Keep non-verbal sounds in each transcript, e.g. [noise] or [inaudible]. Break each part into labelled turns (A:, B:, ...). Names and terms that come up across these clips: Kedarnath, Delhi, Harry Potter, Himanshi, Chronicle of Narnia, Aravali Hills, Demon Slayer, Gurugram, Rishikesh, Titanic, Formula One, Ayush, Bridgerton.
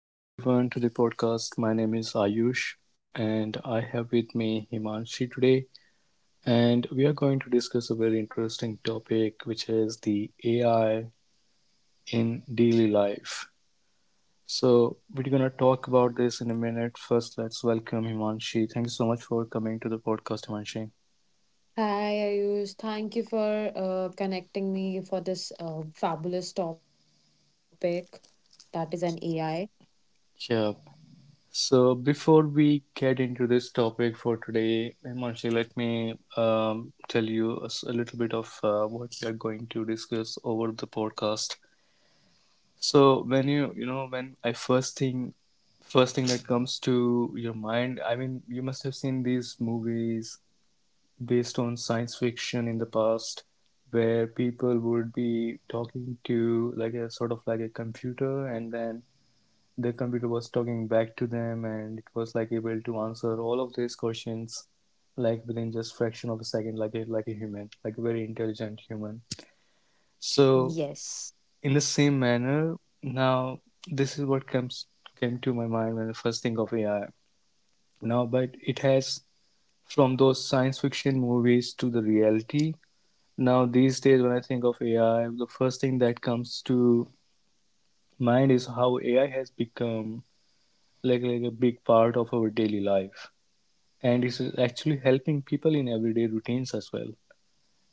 A: Welcome everyone to the podcast. My name is Ayush and I have with me Himanshi today, and we are going to discuss a very interesting topic which is the AI in daily life. So we're going to talk about this in a minute. First, let's welcome Himanshi. Thank you so much for coming to the podcast, Himanshi.
B: Hi, Ayush. Thank you for connecting me for this fabulous topic that is an AI.
A: Yeah. So before we get into this topic for today, Himanshi, let me tell you a, a little bit of what we are going to discuss over the podcast. So when you know when I first thing that comes to your mind, I mean, you must have seen these movies based on science fiction in the past, where people would be talking to like a sort of like a computer, and then the computer was talking back to them, and it was like able to answer all of these questions like within just fraction of a second, like a human, like a very intelligent human.
B: Yes.
A: So in the same manner, now, this is what comes came to my mind when I first think of AI. Now, but it has, from those science fiction movies to the reality. Now these days when I think of AI, the first thing that comes to mind is how AI has become like a big part of our daily life, and it's actually helping people in everyday routines as well.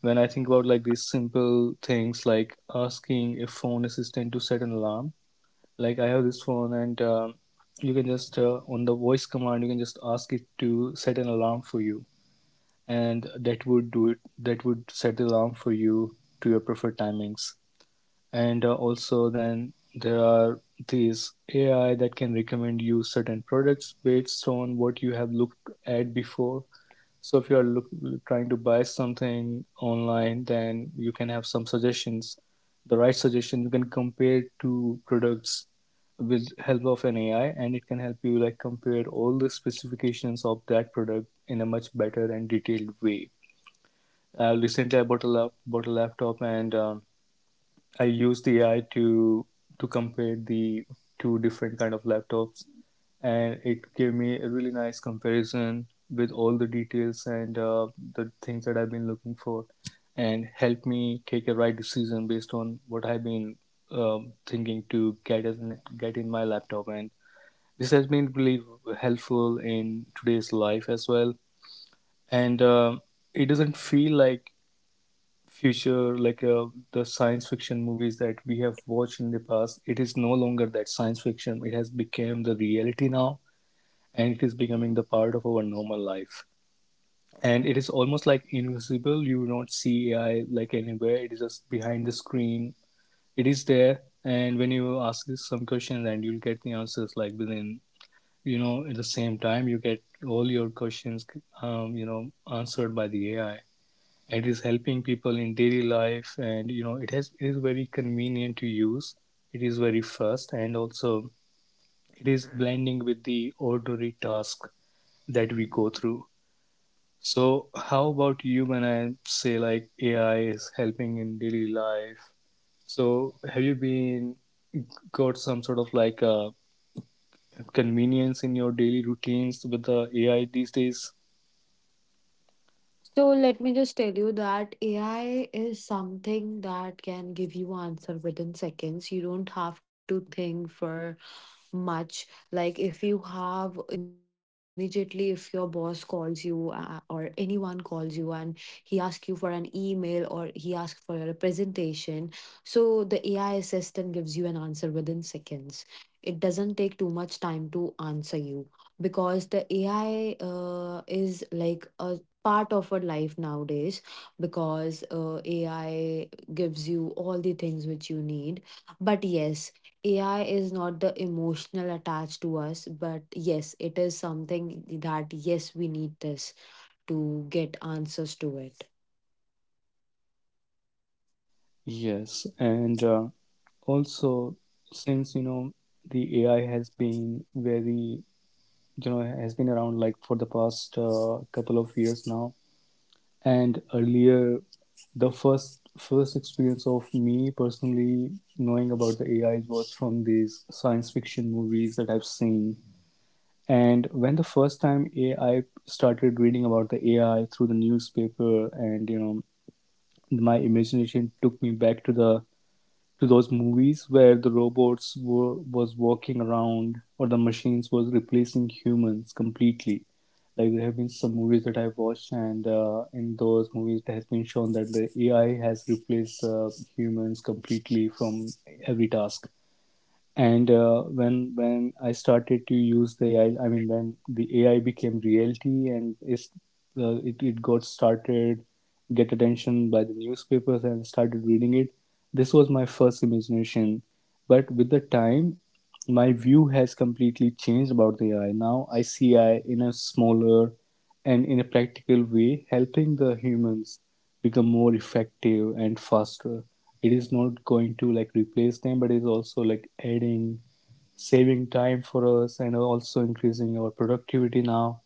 A: When I think about like these simple things, like asking a phone assistant to set an alarm, like I have this phone, and you can just on the voice command, you can just ask it to set an alarm for you, and that would do it. That would set the alarm for you to your preferred timings. And also, then there are these AI that can recommend you certain products based on what you have looked at before. So if you are trying to buy something online, then you can have some suggestions, the right suggestion. You can compare two products with help of an AI, and it can help you like compare all the specifications of that product in a much better and detailed way. Recently I bought a laptop, and I used the AI to compare the two different kind of laptops, and it gave me a really nice comparison with all the details, and the things that I've been looking for, and helped me take a right decision based on what I've been thinking to get as get in my laptop. And this has been really helpful in today's life as well. And it doesn't feel like future, like the science fiction movies that we have watched in the past. It is no longer that science fiction. It has become the reality now, and it is becoming the part of our normal life. And it is almost like invisible. You don't see AI like anywhere. It is just behind the screen. It is there, and when you ask some questions, and you'll get the answers like within, you know, at the same time you get all your questions you know, answered by the AI. It is helping people in daily life, and you know, it has, it is very convenient to use. It is very fast, and also it is blending with the ordinary task that we go through. So how about you? When I say like AI is helping in daily life, so have you been got some sort of like convenience in your daily routines with the AI these days?
B: So let me just tell you that AI is something that can give you answer within seconds. You don't have to think for much like if you have immediately if your boss calls you or anyone calls you and he asks you for an email or he asks for a presentation, so the AI assistant gives you an answer within seconds. It doesn't take too much time to answer you because the AI is like a part of our life nowadays because AI gives you all the things which you need. But yes, AI is not the emotional attached to us, but yes, it is something that yes, we need this to get answers to it.
A: Yes. And also, since you know, the AI has been very, you know, has been around like for the past couple of years now. And earlier, the first experience of me personally knowing about the AI was from these science fiction movies that I've seen. And when the first time AI started, reading about the AI through the newspaper, and you know, my imagination took me back to the, to those movies where the robots were was walking around, or the machines was replacing humans completely. Like there have been some movies that I've watched, and in those movies, it has been shown that the AI has replaced humans completely from every task. And when I started to use the AI, I mean, when the AI became reality and is it got started, get attention by the newspapers, and started reading it. This was my first imagination, but with the time, my view has completely changed about the AI. Now I see AI in a smaller and in a practical way, helping the humans become more effective and faster. It is not going to like replace them, but it's also like adding, saving time for us, and also increasing our productivity now,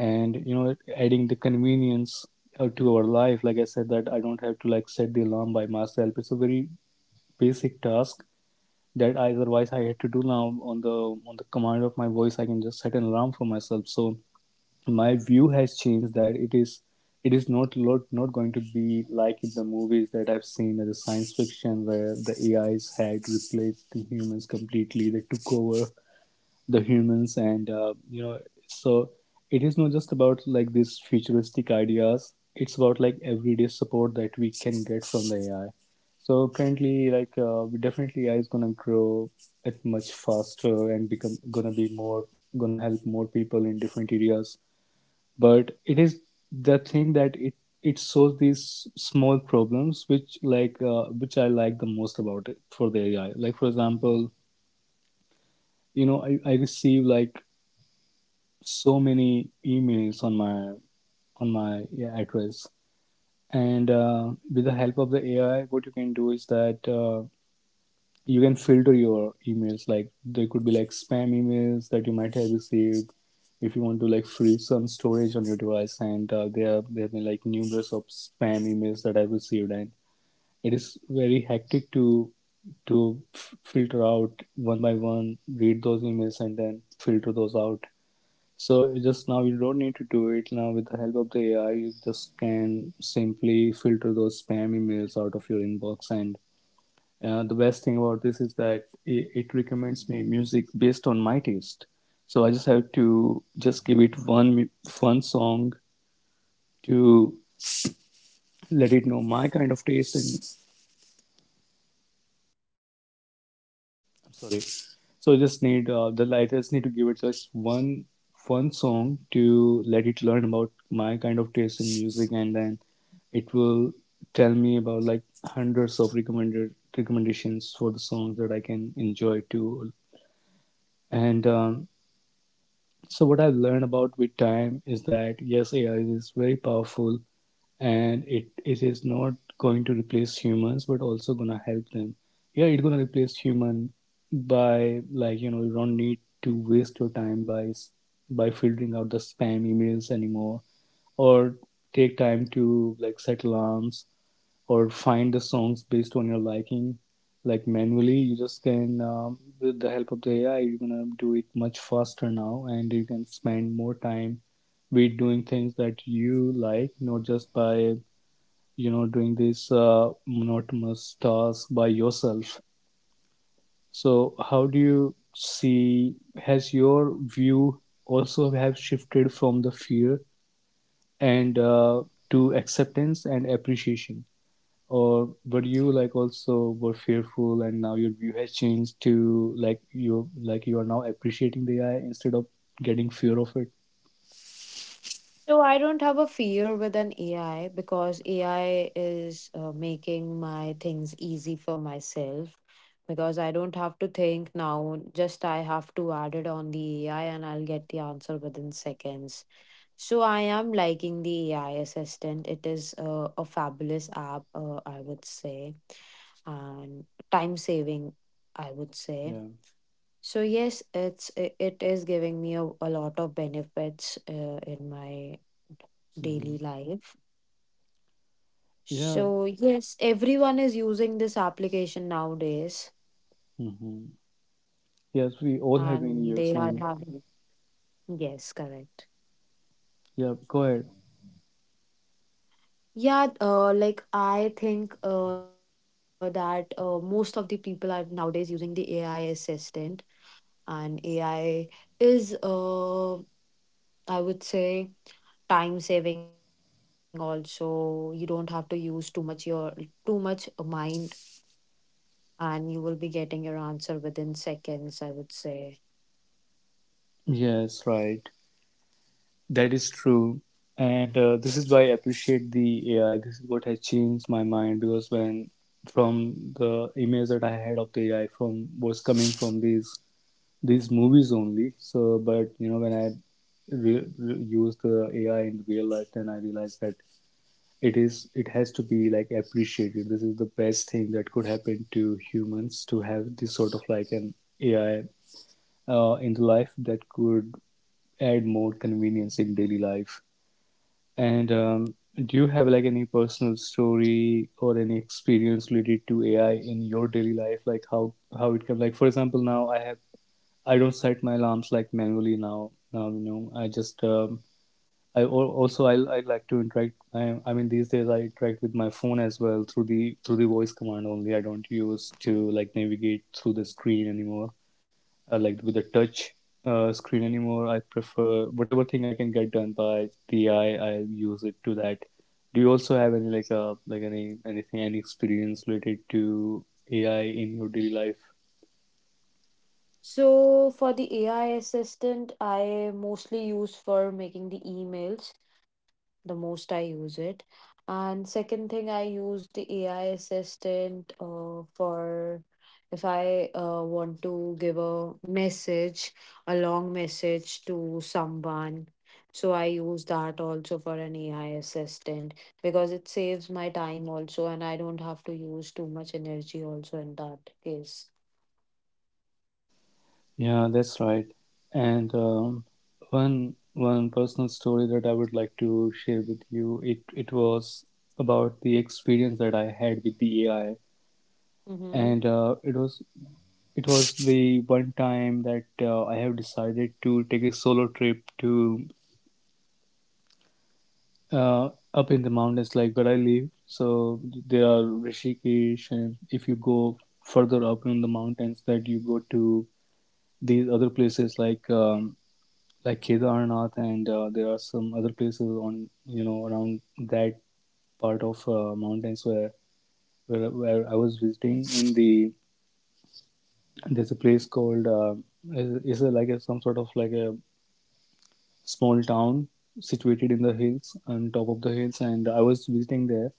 A: and you know, adding the convenience to our life. Like I said that I don't have to like set the alarm by myself. It's a very basic task that otherwise I had to do. Now on the, on the command of my voice, I can just set an alarm for myself. So my view has changed, that it is, it is not going to be like in the movies that I've seen as a science fiction, where the AIs had replaced the humans completely. They took over the humans, and so it is not just about like these futuristic ideas. It's about like everyday support that we can get from the AI. So currently, like definitely, AI is gonna grow at much faster, and become gonna be more, gonna help more people in different areas. But it is the thing that it solves these small problems, which like which I like the most about it for the AI. Like for example, you know, I receive like so many emails on my, on my yeah, address. And with the help of the AI, what you can do is that you can filter your emails. Like there could be like spam emails that you might have received, if you want to like free some storage on your device. And there have been like numerous of spam emails that I've received, and it is very hectic to filter out one by one, read those emails and then filter those out. So just now you don't need to do it. Now with the help of the AI, you just can simply filter those spam emails out of your inbox. And the best thing about this is that it recommends me music based on my taste. So I just have to just give it one fun song to let it know my kind of taste. And I'm sorry. So I just need the I just need to give it just one fun song to let it learn about my kind of taste in music, and then it will tell me about like hundreds of recommended recommendations for the songs that I can enjoy too. And so what I've learned about with time is that yes, AI is very powerful, and it is not going to replace humans, but also gonna help them. Yeah, it's gonna replace human by, like you know, you don't need to waste your time by filtering out the spam emails anymore, or take time to like set alarms, or find the songs based on your liking like manually. You just can with the help of the AI, you're gonna do it much faster now, and you can spend more time with doing things that you like, not just by, you know, doing this monotonous task by yourself. So how do you see, has your view also have shifted from the fear and to acceptance and appreciation? Or were you like also were fearful, and now your view has changed to like you are now appreciating the AI instead of getting fear of it?
B: So I don't have a fear with an AI because AI is making my things easy for myself because I don't have to think now, just I have to add it on the AI and I'll get the answer within seconds. So I am liking the AI assistant. It is a fabulous app, I would say, and time saving, I would say.
A: Yeah.
B: So yes, it is giving me a lot of benefits in my
A: Hmm.
B: daily life.
A: Yeah.
B: So yes, everyone is using this application nowadays,
A: Hmm. Yes, we
B: and they
A: all
B: are
A: have been
B: having
A: using.
B: yes, correct.
A: Yeah, go ahead.
B: Yeah, like I think that most of the people are nowadays using the AI assistant, and AI is, I would say, time saving also. You don't have to use too much mind, and you will be getting your answer within seconds, I would say.
A: Yes, right. That is true. And this is why I appreciate the AI. This is what has changed my mind, because when, from the image that I had of the AI from, was coming from these movies only. So, but you know, when I use the AI in real life, then I realize that it is, it has to be like appreciated. This is the best thing that could happen to humans, to have this sort of like an AI in the life that could add more convenience in daily life. And do you have like any personal story or any experience related to AI in your daily life? Like how it can, like, for example, now I have I don't set my alarms like manually now. Now I just also I like to interact. I mean these days I interact with my phone as well through the voice command only. I don't use to like navigate through the screen anymore. Like with the touch screen anymore. I prefer whatever thing I can get done by the eye, I use it to that. Do you also have any like anything any experience related to AI in your daily life?
B: So for the AI assistant, I mostly use for making the emails the most I use it. And second thing, I use the AI assistant for if I want to give a message, a long message to someone. So I use that also for an AI assistant because it saves my time also, and I don't have to use too much energy also in that case.
A: Yeah, that's right. And one personal story that I would like to share with you, it was about the experience that I had with the AI,
B: Mm-hmm.
A: and it was the one time that I have decided to take a solo trip to uh, up in the mountains, like where I live. So there are Rishikesh, and if you go further up in the mountains, that you go to these other places like. Like Kedarnath, and there are some other places on around that part of mountains where, where I was visiting. In the there's a place called is a, like a, some sort of like a small town situated in the hills on top of the hills, and I was visiting there,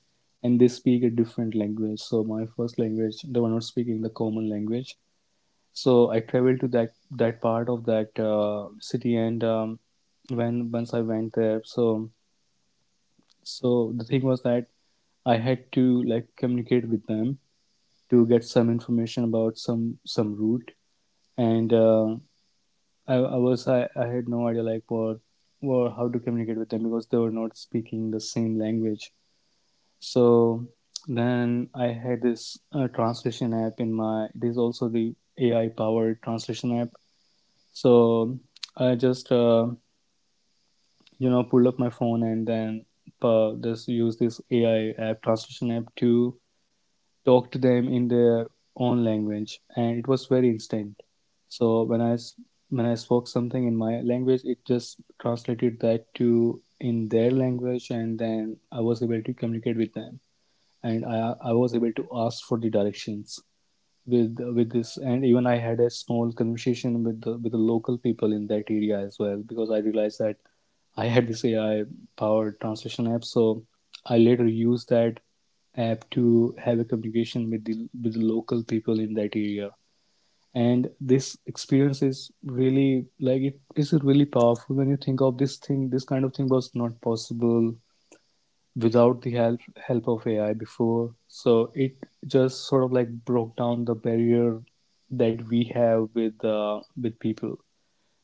A: and they speak a different language. So my first language, they were not speaking the common language. So I traveled to that that part of that city, and when once I went there, so so the thing was that I had to like communicate with them to get some information about some route, and I had no idea like what or how to communicate with them because they were not speaking the same language. So then I had this translation app in my. It is also the AI powered translation app. So I just pulled up my phone and then just use this AI app translation app to talk to them in their own language, and it was very instant. So when I spoke something in my language, it just translated that to in their language, and then I was able to communicate with them, and I was able to ask for the directions with this, and even I had a small conversation with the local people in that area as well, because I realized that I had this AI powered translation app, so I later used that app to have a communication with the local people in that area. And this experience is really like it is really powerful when you think of this thing, this kind of thing was not possible without the help of AI before. So it just sort of like broke down the barrier that we have with people.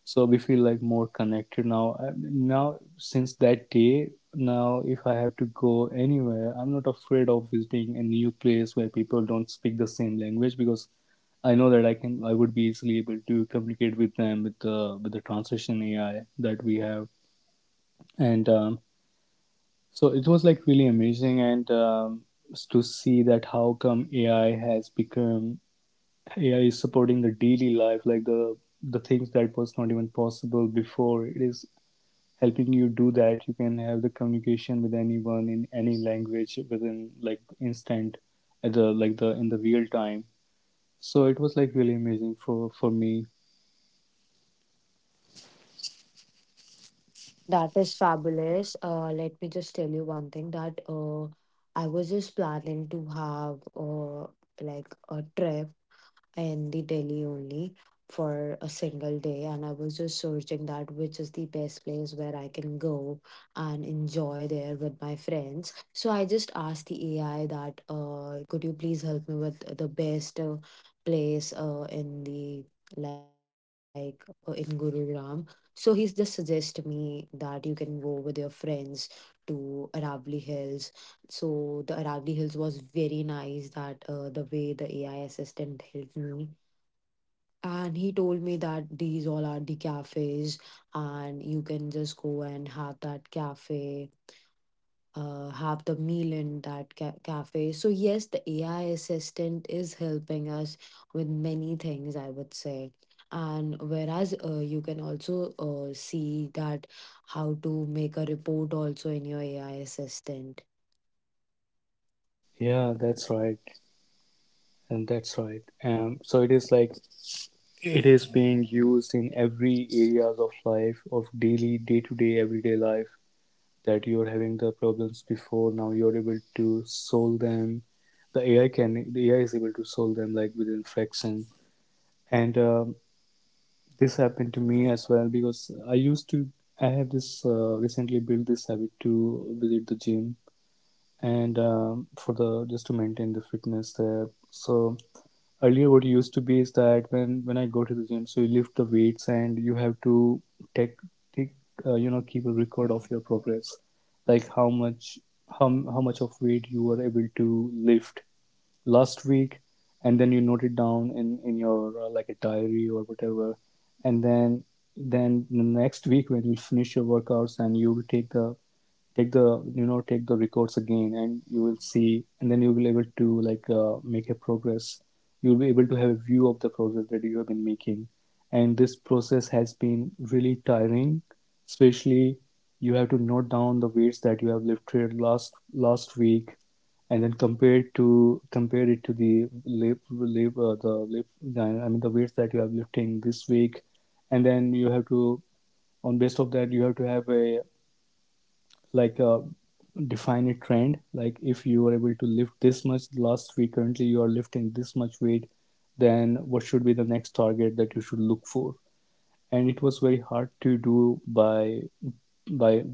A: So we feel like more connected now. Now since that day, now if I have to go anywhere, I'm not afraid of visiting a new place where people don't speak the same language, because I know that I would be easily able to communicate with them with the translation AI that we have. And so it was like really amazing. And to see that how come AI has become AI is supporting the daily life, like the things that was not even possible before. It is helping you do that. You can have the communication with anyone in any language within like instant, at the like the in the real time. So it was like really amazing for me.
B: That is fabulous. Let me just tell you one thing that I was just planning to have like a trip in the Delhi only for a single day, and I was just searching that which is the best place where I can go and enjoy there with my friends. So I just asked the AI that, could you please help me with the best place in the in Gurugram? So he's just suggested me that you can go with your friends to Aravali Hills. So the Aravali Hills was very nice that the way the AI assistant helped me. And he told me that these all are the cafes and you can just go and have that cafe, have the meal in that cafe. So yes, the AI assistant is helping us with many things, I would say. And whereas you can also see that how to make a report also in your AI assistant.
A: Yeah, that's right, and that's right. So it is like it is being used in every areas of life, of daily, day-to-day, everyday life that you're having the problems before. Now you're able to solve them. The AI is able to solve them like within fraction. And this happened to me as well because I have this recently built this habit to visit the gym. And for the just to maintain the fitness there. So earlier what used to be is that when I go to the gym, so you lift the weights and you have to take take keep a record of your progress, like how much how how much of weight you were able to lift last week, and then you note it down in your like a diary or whatever, and then the next week when you finish your workouts and you will take the take the take the records again and you will see and then you will be able to like make a progress, you'll be able to have a view of the progress that you have been making. And this process has been really tiring, especially you have to note down the weights that you have lifted last week and then compare to compare it to the lift. I mean the weights that you have lifting this week, and then you have to on based of that you have to have a like define a trend, like if you are able to lift this much last week, currently you are lifting this much weight, then what should be the next target that you should look for. And it was very hard to do by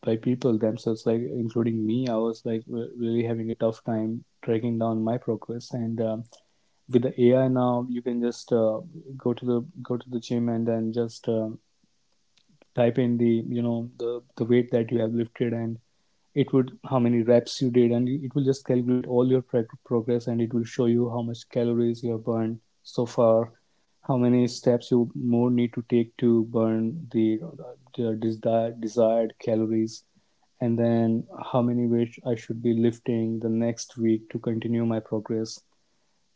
A: by people themselves, like including me. I was like really having a tough time tracking down my progress. And with the AI now you can just go to the gym and then just type in the the weight that you have lifted, and it would how many reps you did, and it will just calculate all your progress, and it will show you how much calories you have burned so far, how many steps you more need to take to burn the desired, desired calories, and then how many weights I should be lifting the next week to continue my progress.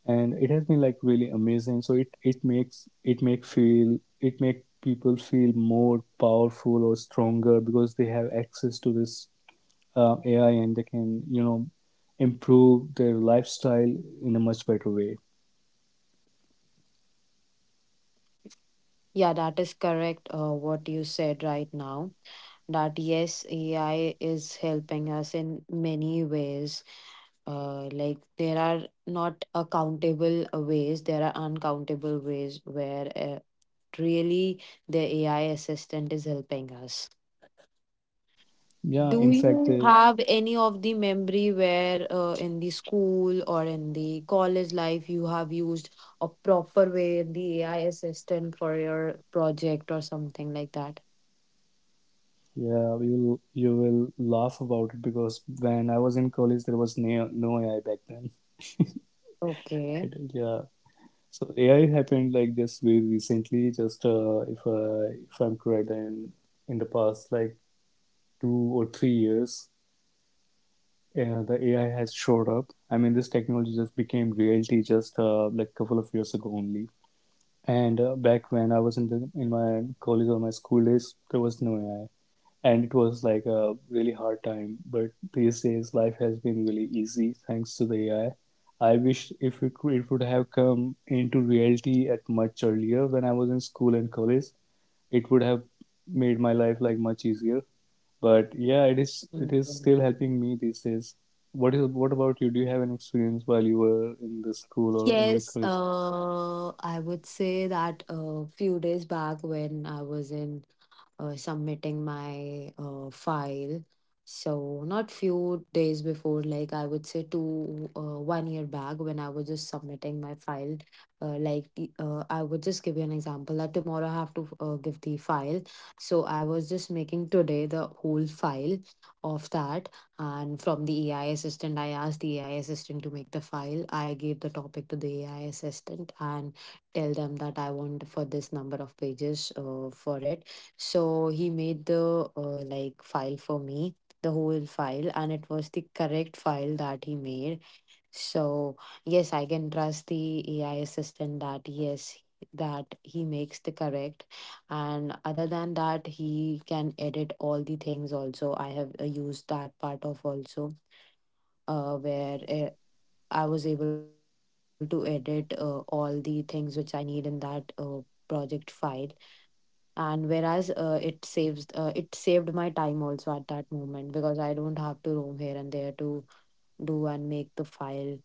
A: And it has been like really amazing, so it makes it make feel it make people feel more powerful or stronger, because they have access to this AI, and they can, you know, improve their lifestyle in a much better way.
B: Yeah, that is correct. What you said right now, that yes, AI is helping us in many ways. Like there are not accountable ways, there are uncountable ways where really the AI assistant is helping us.
A: Yeah,
B: Do
A: in fact,
B: you have any of the memory where in the school or in the college life you have used a proper way the AI assistant for your project or something like that?
A: yeah, we will you will laugh about it, because when I was in college, there was no AI back then. [laughs] I
B: Okay.
A: don't- Yeah, so AI happened like just very recently, just if I'm correct, in the past like 2 or 3 years. Yeah, the AI has showed up. I mean, this technology just became reality just like couple of years ago only. And back when I was in the in my college or my school days, there was no AI, and it was like a really hard time. But these days, life has been really easy thanks to the AI. I wish if it could, it would have come into reality at much earlier when I was in school and college, it would have made my life like much easier. But yeah,
B: Okay.
A: it is still helping me these days. What about you? Do you have an experience while you were in the school or in your
B: Yes,
A: college?
B: I would say that a few days back when I was in submitting my file, so not few days before, like I would say 1 year back when I was just submitting my file, I would just give you an example that tomorrow I have to give the file. So I was just making today the whole file of that. And from the AI assistant, I asked the AI assistant to make the file. I gave the topic to the AI assistant and tell them that I want for this number of pages for it. So he made the like file for me, the whole file, and it was the correct file that he made. So, yes, I can trust the AI assistant that yes, that he makes the correct. And other than that, he can edit all the things also. I have used that part of also where I was able to edit all the things which I need in that project file. And whereas it saves, it saved my time also at that moment because I don't have to roam here and there to do and make the file.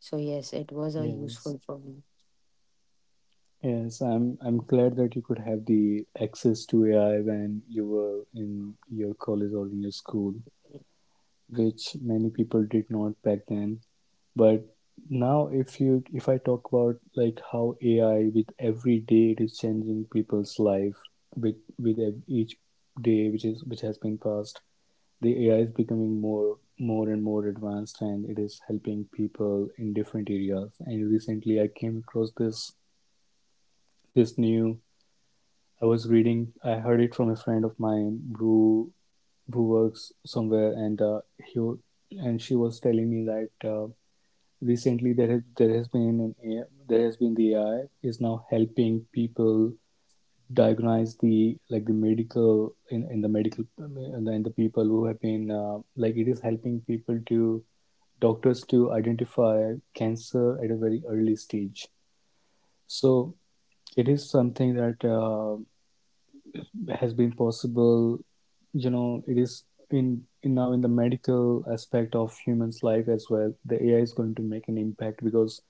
B: So yes, it was a
A: Yes.
B: useful for me.
A: Yes, I'm glad that you could have the access to AI when you were in your college or in your school, which many people did not back then. But now if I talk about like how AI with every day it is changing people's life with each day which is which has been passed, the AI is becoming more and more advanced, and it is helping people in different areas. And recently I came across this this new I was reading, I heard it from a friend of mine who works somewhere, and he and she was telling me that recently there has been an AI, there has been the AI is now helping people diagnose the like the medical in the medical, and the people who have been like it is helping people to doctors to identify cancer at a very early stage. So it is something that has been possible, you know. It is in now in the medical aspect of humans life as well. The AI is going to make an impact because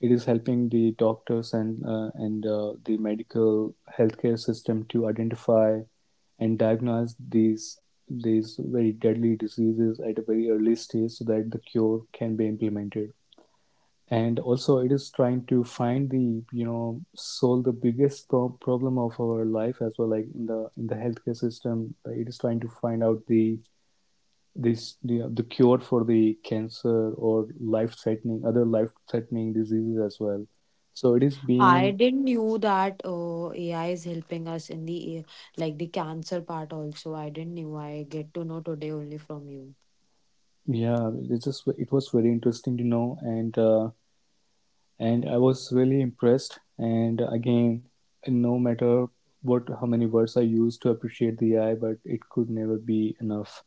A: it is helping the doctors and the medical healthcare system to identify and diagnose these very deadly diseases at a very early stage so that the cure can be implemented. And also it is trying to find the, you know, solve the biggest problem of our life as well, like in the healthcare system. Like it is trying to find out the this the cure for the cancer or life threatening, other life threatening diseases as well. So it is
B: I
A: being.
B: didn't knew that AI is helping us in the like the cancer part also. I didn't knew. I get to know today only from you.
A: Yeah, it was very interesting to know, and I was really impressed. And again, no matter what, how many words I use to appreciate the AI, but it could never be enough.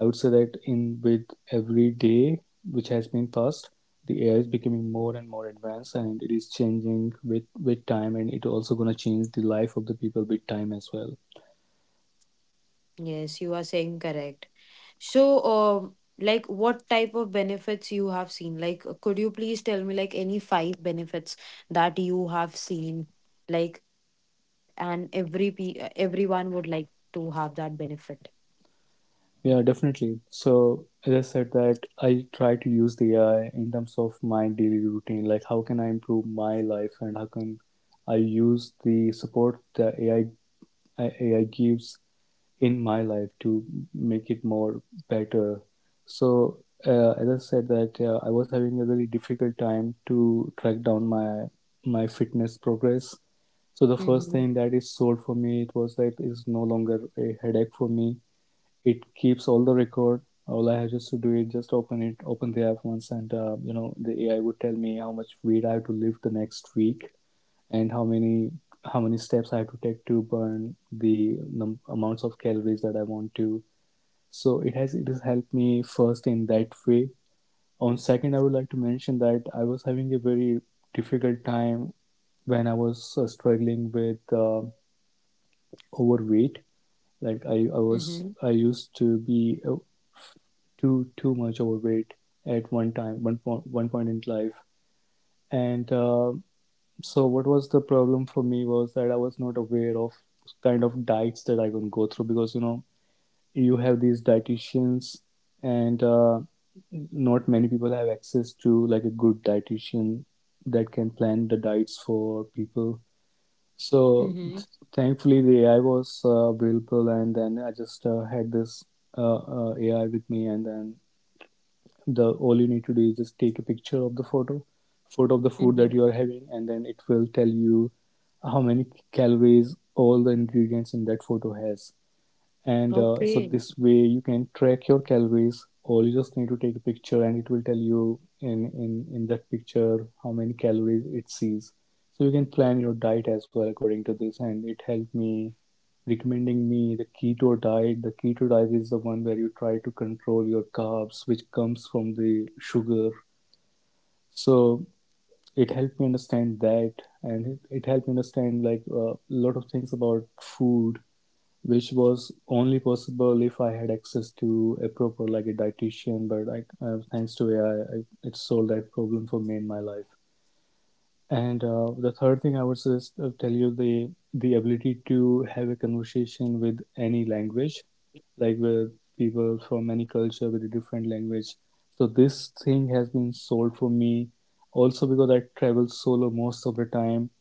A: I would say that in with every day which has been passed, the AI is becoming more and more advanced, and it is changing with time, and it also gonna change the life of the people with time as well.
B: Yes, you are saying correct. So, like what type of benefits you have seen? Like, could you please tell me like any five benefits that you have seen? Like, and everyone would like to have that benefit.
A: Yeah, definitely. So as I said that I try to use the AI in terms of my daily routine, like how can I improve my life and how can I use the support that AI gives in my life to make it more better. So, as I said that I was having a very difficult time to track down my fitness progress. So the first thing
B: Mm-hmm.
A: that is solved for me, it was that it's no longer a headache for me. It keeps all the record. All I had just to do is just open it, open the app once, and you know, the AI would tell me how much weed I have to lift the next week and how many steps I have to take to burn the amounts of calories that I want to. So it has helped me first in that way. On second, I would like to mention that I was having a very difficult time when I was struggling with overweight. Like
B: Mm-hmm.
A: I used to be too much overweight at one point in life, and so what was the problem for me was that I was not aware of kind of diets that I can go through, because you know, you have these dietitians, and not many people have access to like a good dietitian that can plan the diets for people.
B: Mm-hmm.
A: So thankfully the AI was available, and then I just had this AI with me. And then the, all you need to do is just take a picture of the photo of the food
B: Mm-hmm.
A: that you are having, and then it will tell you how many calories all the ingredients in that photo has. And so
B: Okay.
A: this way you can track your calories, or you just need to take a picture and it will tell you in that picture how many calories it sees. So you can plan your diet as well according to this. And it helped me recommending me the keto diet. The keto diet is the one where you try to control your carbs which comes from the sugar. So it helped me understand that. And it helped me understand like a lot of things about food, which was only possible if I had access to a proper like a dietitian. But I, thanks to AI, it solved that problem for me in my life. And the third thing I would suggest, tell you the ability to have a conversation with any language, like with people from any culture with a different language. So this thing has been solved for me, also because I travel solo most of the time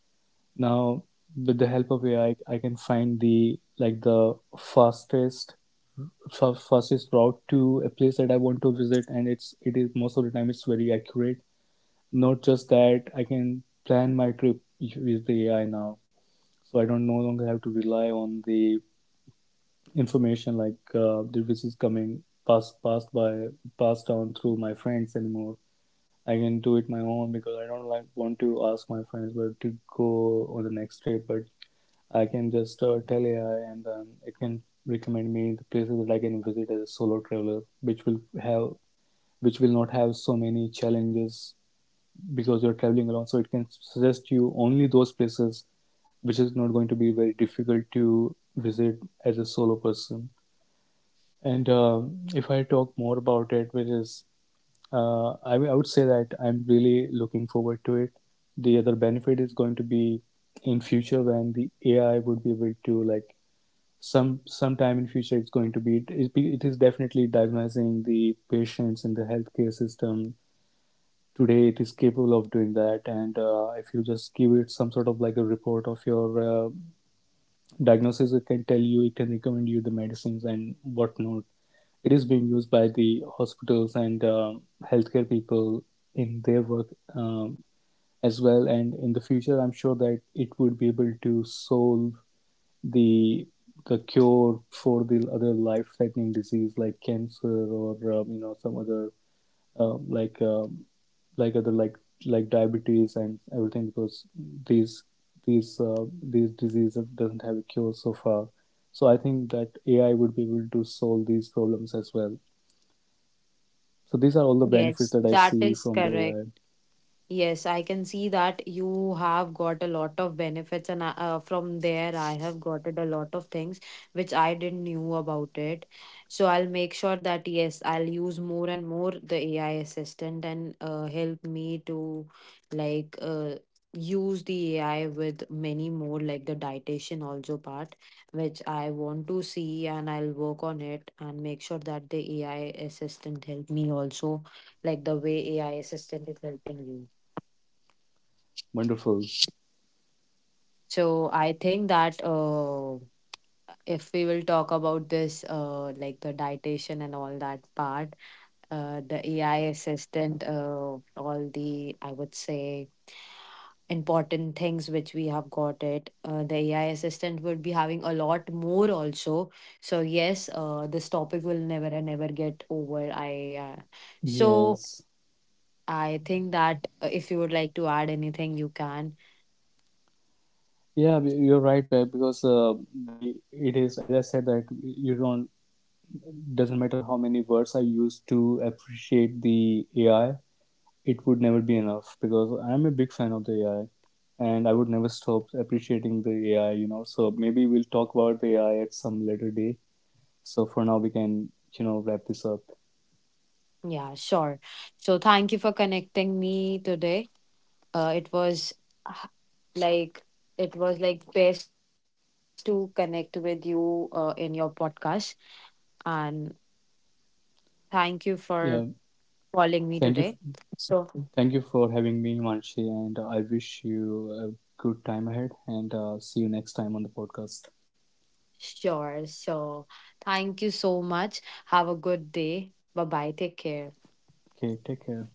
A: now. With the help of AI, I can find the, like the fastest fastest route to a place that I want to visit, and it is most of the time it's very accurate. Not just that, I can plan my trip with the AI now, so I don't no longer have to rely on the information, like the which is coming, passed passed by passed down through my friends anymore. I can do it my own, because I don't like want to ask my friends where to go on the next trip. But I can just tell AI and then it can recommend me the places that I can visit as a solo traveler, which will have, which will not have so many challenges because you're traveling alone. So it can suggest you only those places which is not going to be very difficult to visit as a solo person. And if I talk more about it, which is I would say that I'm really looking forward to it. The other benefit is going to be in future when the AI would be able to like, sometime in future, it's going to be, it is definitely diagnosing the patients in the healthcare system today. It is capable of doing that. And if you just give it some sort of like a report of your diagnosis, it can tell you, it can recommend you the medicines and whatnot. It is being used by the hospitals and healthcare people in their work, um, as well. And in the future, I'm sure that it would be able to solve the the cure for the other life-threatening disease like cancer, or you know, some other um, like um, like other like like diabetes and everything, because these these diseases doesn't have a cure so far. So I think that AI would be able to solve these problems as well. So these are all the benefits
B: Yes,
A: that I
B: that
A: see
B: is
A: from the
B: correct.
A: AI.
B: Yes, I can see that you have got a lot of benefits, and from there, I have got it a lot of things which I didn't knew about it. So I'll make sure that yes, I'll use more and more the AI assistant and help me to like uh, use the AI with many more like the dietitian also part, which I want to see, and I'll work on it and make sure that the AI assistant help me also like the way AI assistant is helping you.
A: Wonderful.
B: So I think that if we will talk about this, like the dietitian and all that part, the AI assistant, all the, I would say, important things which we have got it. The AI assistant would be having a lot more also. So yes, this topic will never and never get over. I so
A: Yes.
B: I think that if you would like to add anything, you can.
A: Yeah, you're right, Pep, because the it is, as I said, that you don't, doesn't matter how many words I use to appreciate the AI, it would never be enough, because I'm a big fan of the AI and I would never stop appreciating the AI, you know. So maybe we'll talk about the AI at some later day. So for now, we can, you know, wrap this up.
B: Yeah, sure. So thank you for connecting me today. It was uh, like it was like best to connect with you in your podcast, and thank you for
A: Yeah,
B: calling me
A: thank
B: today.
A: you,
B: So
A: thank you for having me, Manshi, and I wish you a good time ahead and see you next time on the podcast.
B: sure. So thank you so much. Have a good day. Bye bye. Take care.
A: Okay, take care.